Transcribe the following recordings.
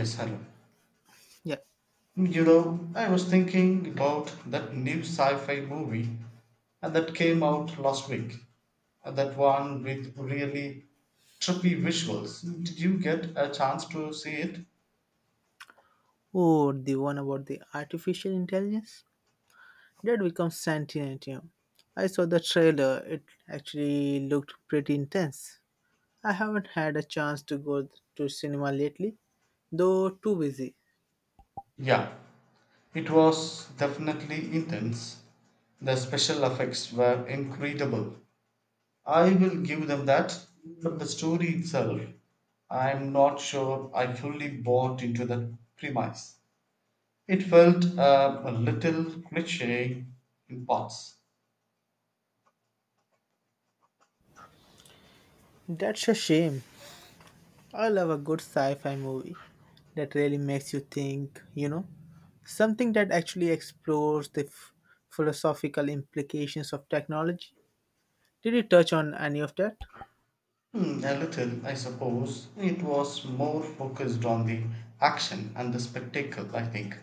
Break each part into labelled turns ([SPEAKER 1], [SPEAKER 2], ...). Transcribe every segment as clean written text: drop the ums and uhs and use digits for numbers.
[SPEAKER 1] Yes, hello.
[SPEAKER 2] Yeah.
[SPEAKER 1] You know, I was thinking about that new sci fi movie and that came out last week. And that one with really trippy visuals. Did you get a chance to see it?
[SPEAKER 2] Oh, the one about the artificial intelligence that becomes sentient. You know, I saw the trailer. It actually looked pretty intense. I haven't had a chance to go to cinema lately, though too busy.
[SPEAKER 1] Yeah, it was definitely intense. The special effects were incredible. I will give them that, but the story itself, I'm not sure I fully bought into the premise. It felt a little cliche in parts.
[SPEAKER 2] That's a shame. I love a good sci-fi movie that really makes you think. You know, something that actually explores the philosophical implications of technology. Did you touch on any of that?
[SPEAKER 1] Hmm, a little, I suppose. It was more focused on the action and the spectacle, I think.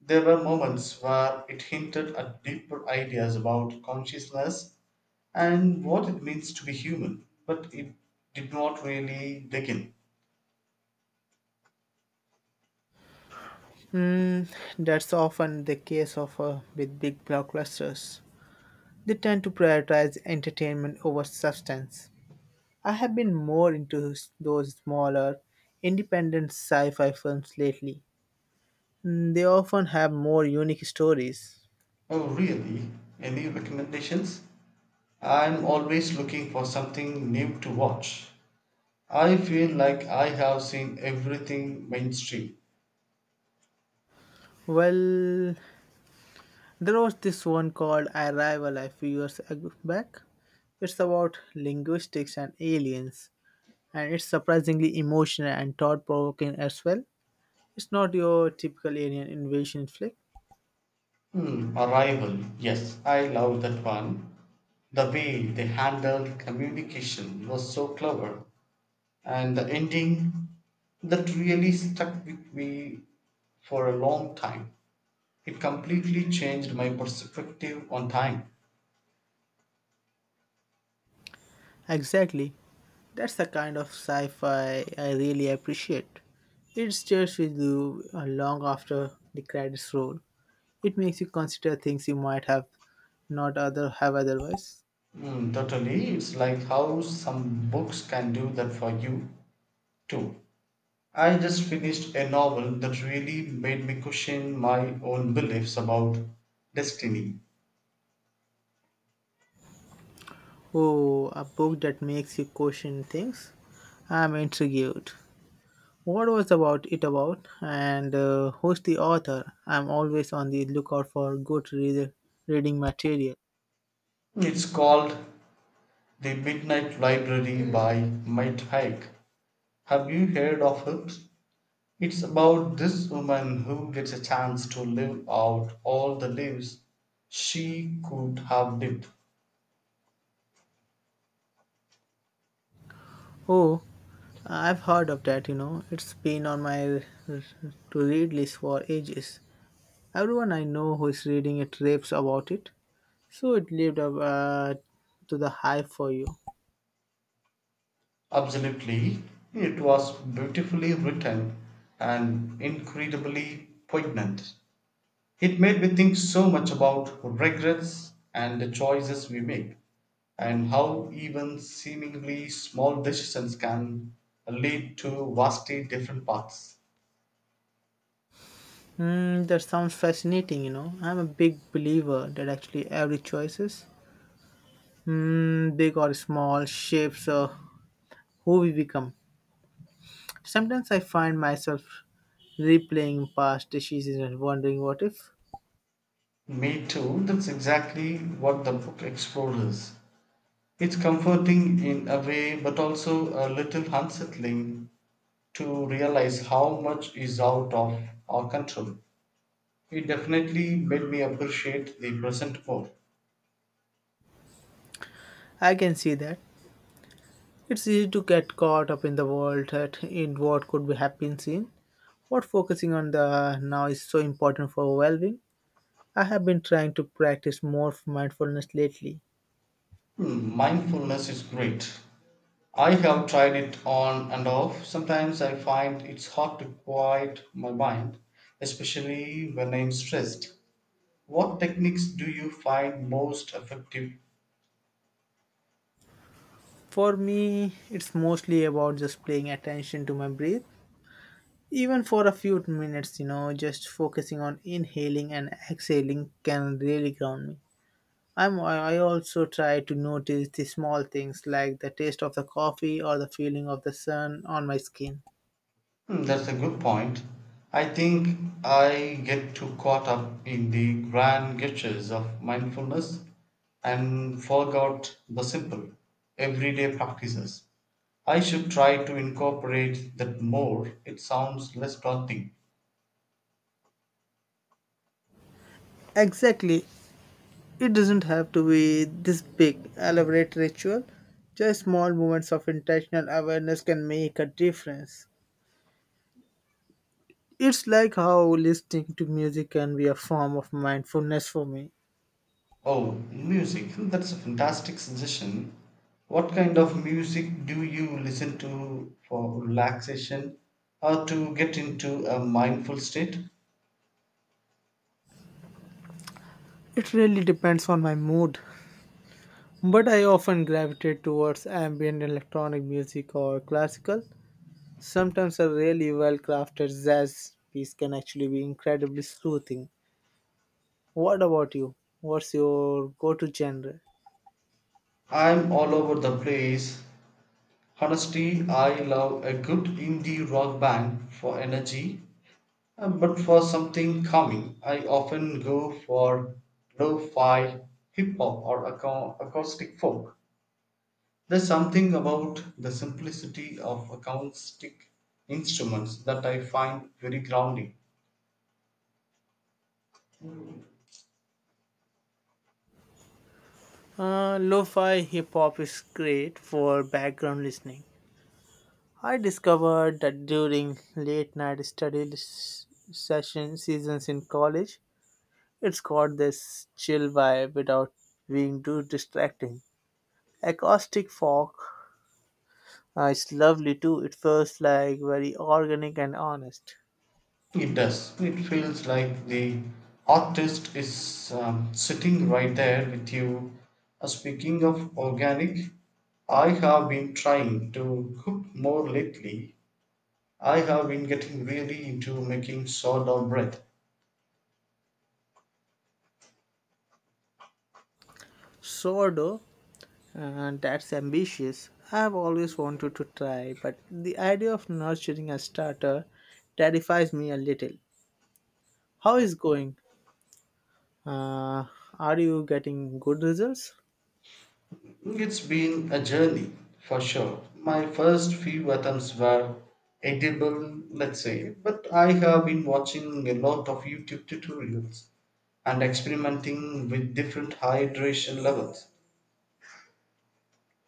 [SPEAKER 1] There were moments where it hinted at deeper ideas about consciousness and what it means to be human, but it did not really dig in.
[SPEAKER 2] Mm, that's often the case of with big blockbusters. They tend to prioritize entertainment over substance. I have been more into those smaller, independent sci-fi films lately. They often have more unique stories.
[SPEAKER 1] Oh, really? Any recommendations? I'm always looking for something new to watch. I feel like I have seen everything mainstream.
[SPEAKER 2] Well, there was this one called Arrival a few years back. It's about linguistics and aliens, and it's surprisingly emotional and thought-provoking as well. It's not your typical alien invasion flick.
[SPEAKER 1] Hmm. Arrival, yes, I love that one. The way they handled communication was so clever, and the ending that really stuck with me for a long time. It completely changed my perspective on time.
[SPEAKER 2] Exactly. That's the kind of sci fi I really appreciate. It stays with you long after the credits roll. It makes you consider things you might have not other have otherwise.
[SPEAKER 1] Mm, totally, it's like how some books can do that for you too. I just finished a novel that really made me question my own beliefs about destiny.
[SPEAKER 2] Oh, a book that makes you question things. I'm intrigued. What was about it about, and who's the author? I'm always on the lookout for good reader reading material.
[SPEAKER 1] It's called The Midnight Library by Mike Hike. Have you heard of it? It's about this woman who gets a chance to live out all the lives she could have lived.
[SPEAKER 2] Oh, I've heard of that, you know. It's been on my to read list for ages. Everyone I know who is reading it raves about it, so it lived up to the hype for you.
[SPEAKER 1] Absolutely, it was beautifully written and incredibly poignant. It made me think so much about regrets and the choices we make, and how even seemingly small decisions can lead to vastly different paths.
[SPEAKER 2] Hmm, that sounds fascinating, you know. I'm a big believer that actually every choices, hmm, big or small, shapes who we become. Sometimes I find myself replaying past decisions and wondering what if.
[SPEAKER 1] Me too, that's exactly what the book explores. It's comforting in a way, but also a little unsettling to realize how much is out of our control. It definitely made me appreciate the present more.
[SPEAKER 2] I can see that. It's easy to get caught up in the world that in what could be happening soon. What focusing on the now is so important for well-being. I have been trying to practice more mindfulness lately.
[SPEAKER 1] Hmm, mindfulness is great, I have tried it on and off. Sometimes I find it's hard to quiet my mind, especially when I'm stressed. What techniques do you find most effective?
[SPEAKER 2] For me, it's mostly about just paying attention to my breath, even for a few minutes. You know, just focusing on inhaling and exhaling can really ground me. I also try to notice the small things like the taste of the coffee or the feeling of the sun on my skin.
[SPEAKER 1] Hmm, that's a good point. I think I get too caught up in the grand gestures of mindfulness and forgot the simple, everyday practices. I should try to incorporate that more. It sounds less daunting.
[SPEAKER 2] Exactly. It doesn't have to be this big, elaborate ritual. Just small moments of intentional awareness can make a difference. It's like how listening to music can be a form of mindfulness for me.
[SPEAKER 1] Oh, music. That's a fantastic suggestion. What kind of music do you listen to for relaxation or to get into a mindful state?
[SPEAKER 2] It really depends on my mood, but I often gravitate towards ambient electronic music or classical. Sometimes a really well crafted jazz piece can actually be incredibly soothing. What about you? What's your go to genre?
[SPEAKER 1] I'm all over the place. Honestly, I love a good indie rock band for energy, but for something calming, I often go for lo fi, hip hop, or acoustic folk. There's something about the simplicity of acoustic instruments that I find very grounding.
[SPEAKER 2] Lo-fi hip hop is great for background listening. I discovered that during late night session seasons in college, it's got this chill vibe without being too distracting. Acoustic folk is lovely too. It feels like very organic and honest.
[SPEAKER 1] It does. It feels like the artist is sitting right there with you. Speaking of organic, I have been trying to cook more lately. I have been getting really into making sourdough bread.
[SPEAKER 2] Sourdough and that's ambitious. I've always wanted to try, but the idea of nurturing a starter terrifies me a little. How is going? Uh, are you getting good results?
[SPEAKER 1] It's been a journey for sure. My first few attempts were edible, let's say, but I have been watching a lot of YouTube tutorials and experimenting with different hydration levels.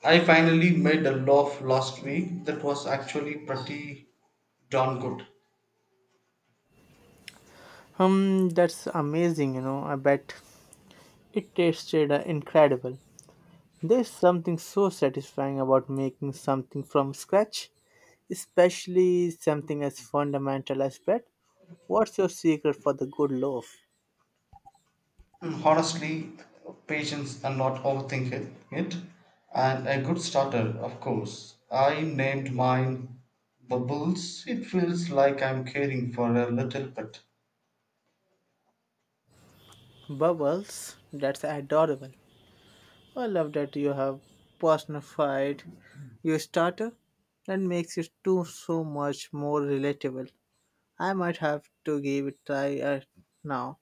[SPEAKER 1] I finally made a loaf last week that was actually pretty darn good.
[SPEAKER 2] That's amazing, you know. I bet it tasted incredible. There's something so satisfying about making something from scratch, especially something as fundamental as bread. What's your secret for the good loaf?
[SPEAKER 1] Mm, honestly, patients are not overthinking it, and a good starter, of course. I named mine Bubbles. It feels like I'm caring for a little pet.
[SPEAKER 2] Bubbles, that's adorable. I love that you have personified your starter. That makes it too so much more relatable. I might have to give it a try now.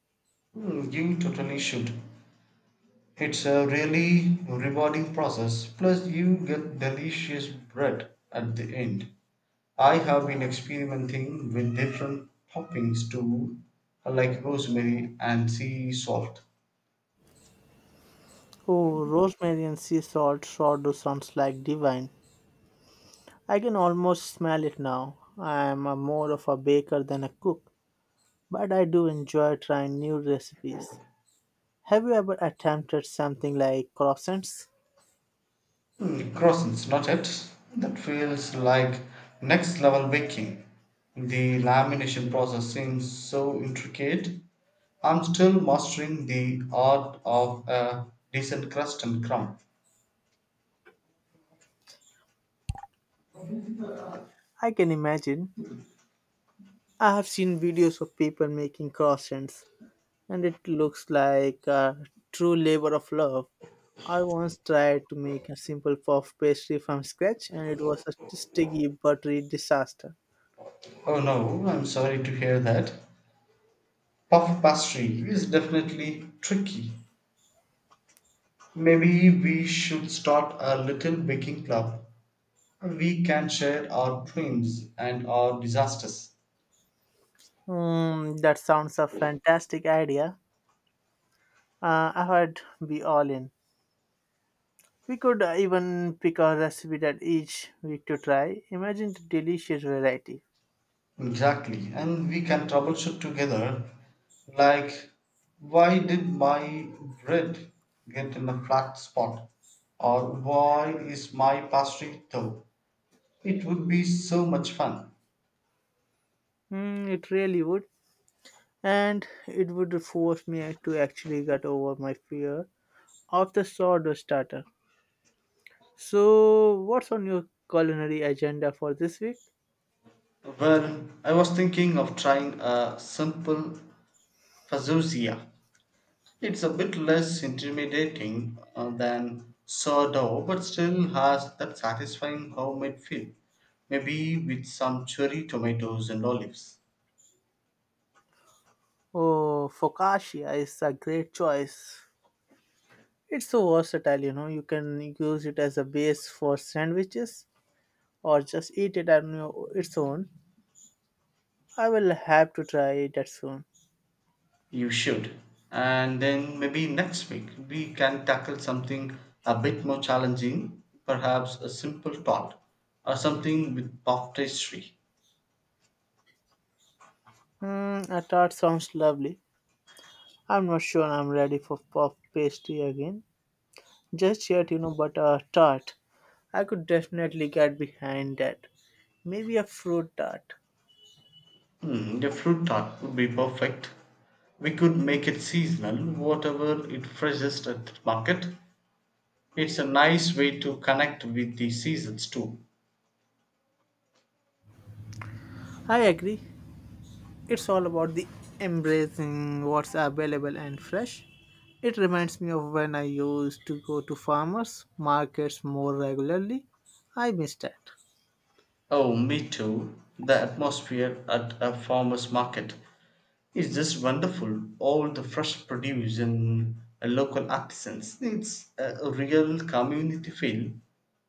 [SPEAKER 1] Mm, you totally should. It's a really rewarding process. Plus, you get delicious bread at the end. I have been experimenting with different toppings too, like rosemary and sea salt.
[SPEAKER 2] Oh, rosemary and sea salt sourdough sounds like divine. I can almost smell it now. I am a more of a baker than a cook, but I do enjoy trying new recipes. Have you ever attempted something like croissants?
[SPEAKER 1] Mm, croissants, not it? That feels like next level baking. The lamination process seems so intricate. I'm still mastering the art of a decent crust and crumb.
[SPEAKER 2] I can imagine. I have seen videos of people making croissants, and it looks like a true labor of love. I once tried to make a simple puff pastry from scratch, and it was a sticky, buttery disaster.
[SPEAKER 1] Oh no, I'm sorry to hear that. Puff pastry is definitely tricky. Maybe we should start a little baking club. We can share our dreams and our disasters.
[SPEAKER 2] Hmm, that sounds a fantastic idea. I would be all in. We could even pick a recipe that each week to try. Imagine the delicious variety.
[SPEAKER 1] Exactly. And we can troubleshoot together, like, why did my bread get in a flat spot? Or why is my pastry dough? It would be so much fun.
[SPEAKER 2] Hmm, it really would. And it would force me to actually get over my fear of the sourdough starter. So, what's on your culinary agenda for this week?
[SPEAKER 1] Well, I was thinking of trying a simple fazozia. It's a bit less intimidating than sourdough, but still has that satisfying homemade feel. Maybe with some cherry tomatoes and olives.
[SPEAKER 2] Oh, focaccia is a great choice. It's so versatile, you know. You can use it as a base for sandwiches or just eat it on its own. I will have to try that soon.
[SPEAKER 1] You should. And then maybe next week we can tackle something a bit more challenging, perhaps a simple tart or something with puff pastry.
[SPEAKER 2] Hmm, a tart sounds lovely. I'm not sure I'm ready for puff pastry again. Just yet, you know, but a tart. I could definitely get behind that. Maybe a fruit tart.
[SPEAKER 1] Hmm, the fruit tart would be perfect. We could make it seasonal, whatever it freshest at the market. It's a nice way to connect with the seasons too.
[SPEAKER 2] I agree. It's all about the embracing what's available and fresh. It reminds me of when I used to go to farmers markets more regularly. I miss that.
[SPEAKER 1] Oh, me too. The atmosphere at a farmer's market, it's just wonderful. All the fresh produce and local artisans. It's a real community feel.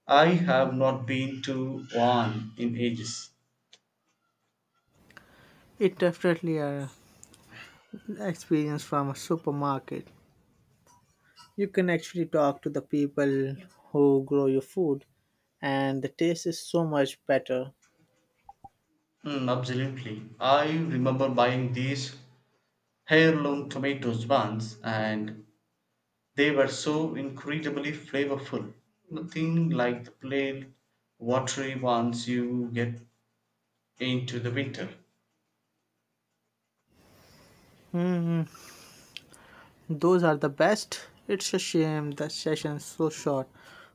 [SPEAKER 1] I have not been to one in ages.
[SPEAKER 2] It definitely a experience from a supermarket. You can actually talk to the people who grow your food and the taste is so much better.
[SPEAKER 1] Mm, absolutely. I remember buying these heirloom tomatoes once and they were so incredibly flavorful. Nothing like the plain, watery ones you get into the winter.
[SPEAKER 2] Those are the best. It's a shame the session's so short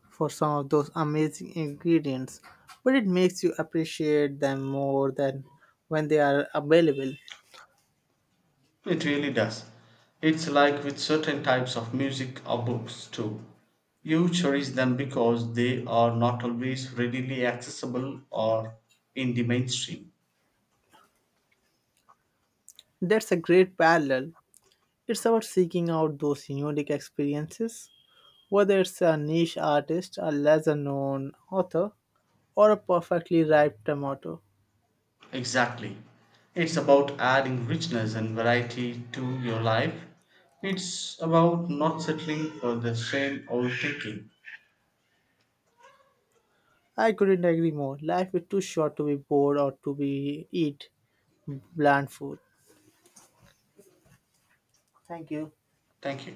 [SPEAKER 2] for some of those amazing ingredients, but it makes you appreciate them more than when they are available.
[SPEAKER 1] It really does. It's like with certain types of music or books too. You cherish them because they are not always readily accessible or in the mainstream.
[SPEAKER 2] That's a great parallel. It's about seeking out those unique experiences, whether it's a niche artist, a lesser known author, or a perfectly ripe tomato.
[SPEAKER 1] Exactly. It's about adding richness and variety to your life. It's about not settling for the same old thinking.
[SPEAKER 2] I couldn't agree more. Life is too short to be bored or to be eat bland food. Thank you.
[SPEAKER 1] Thank you.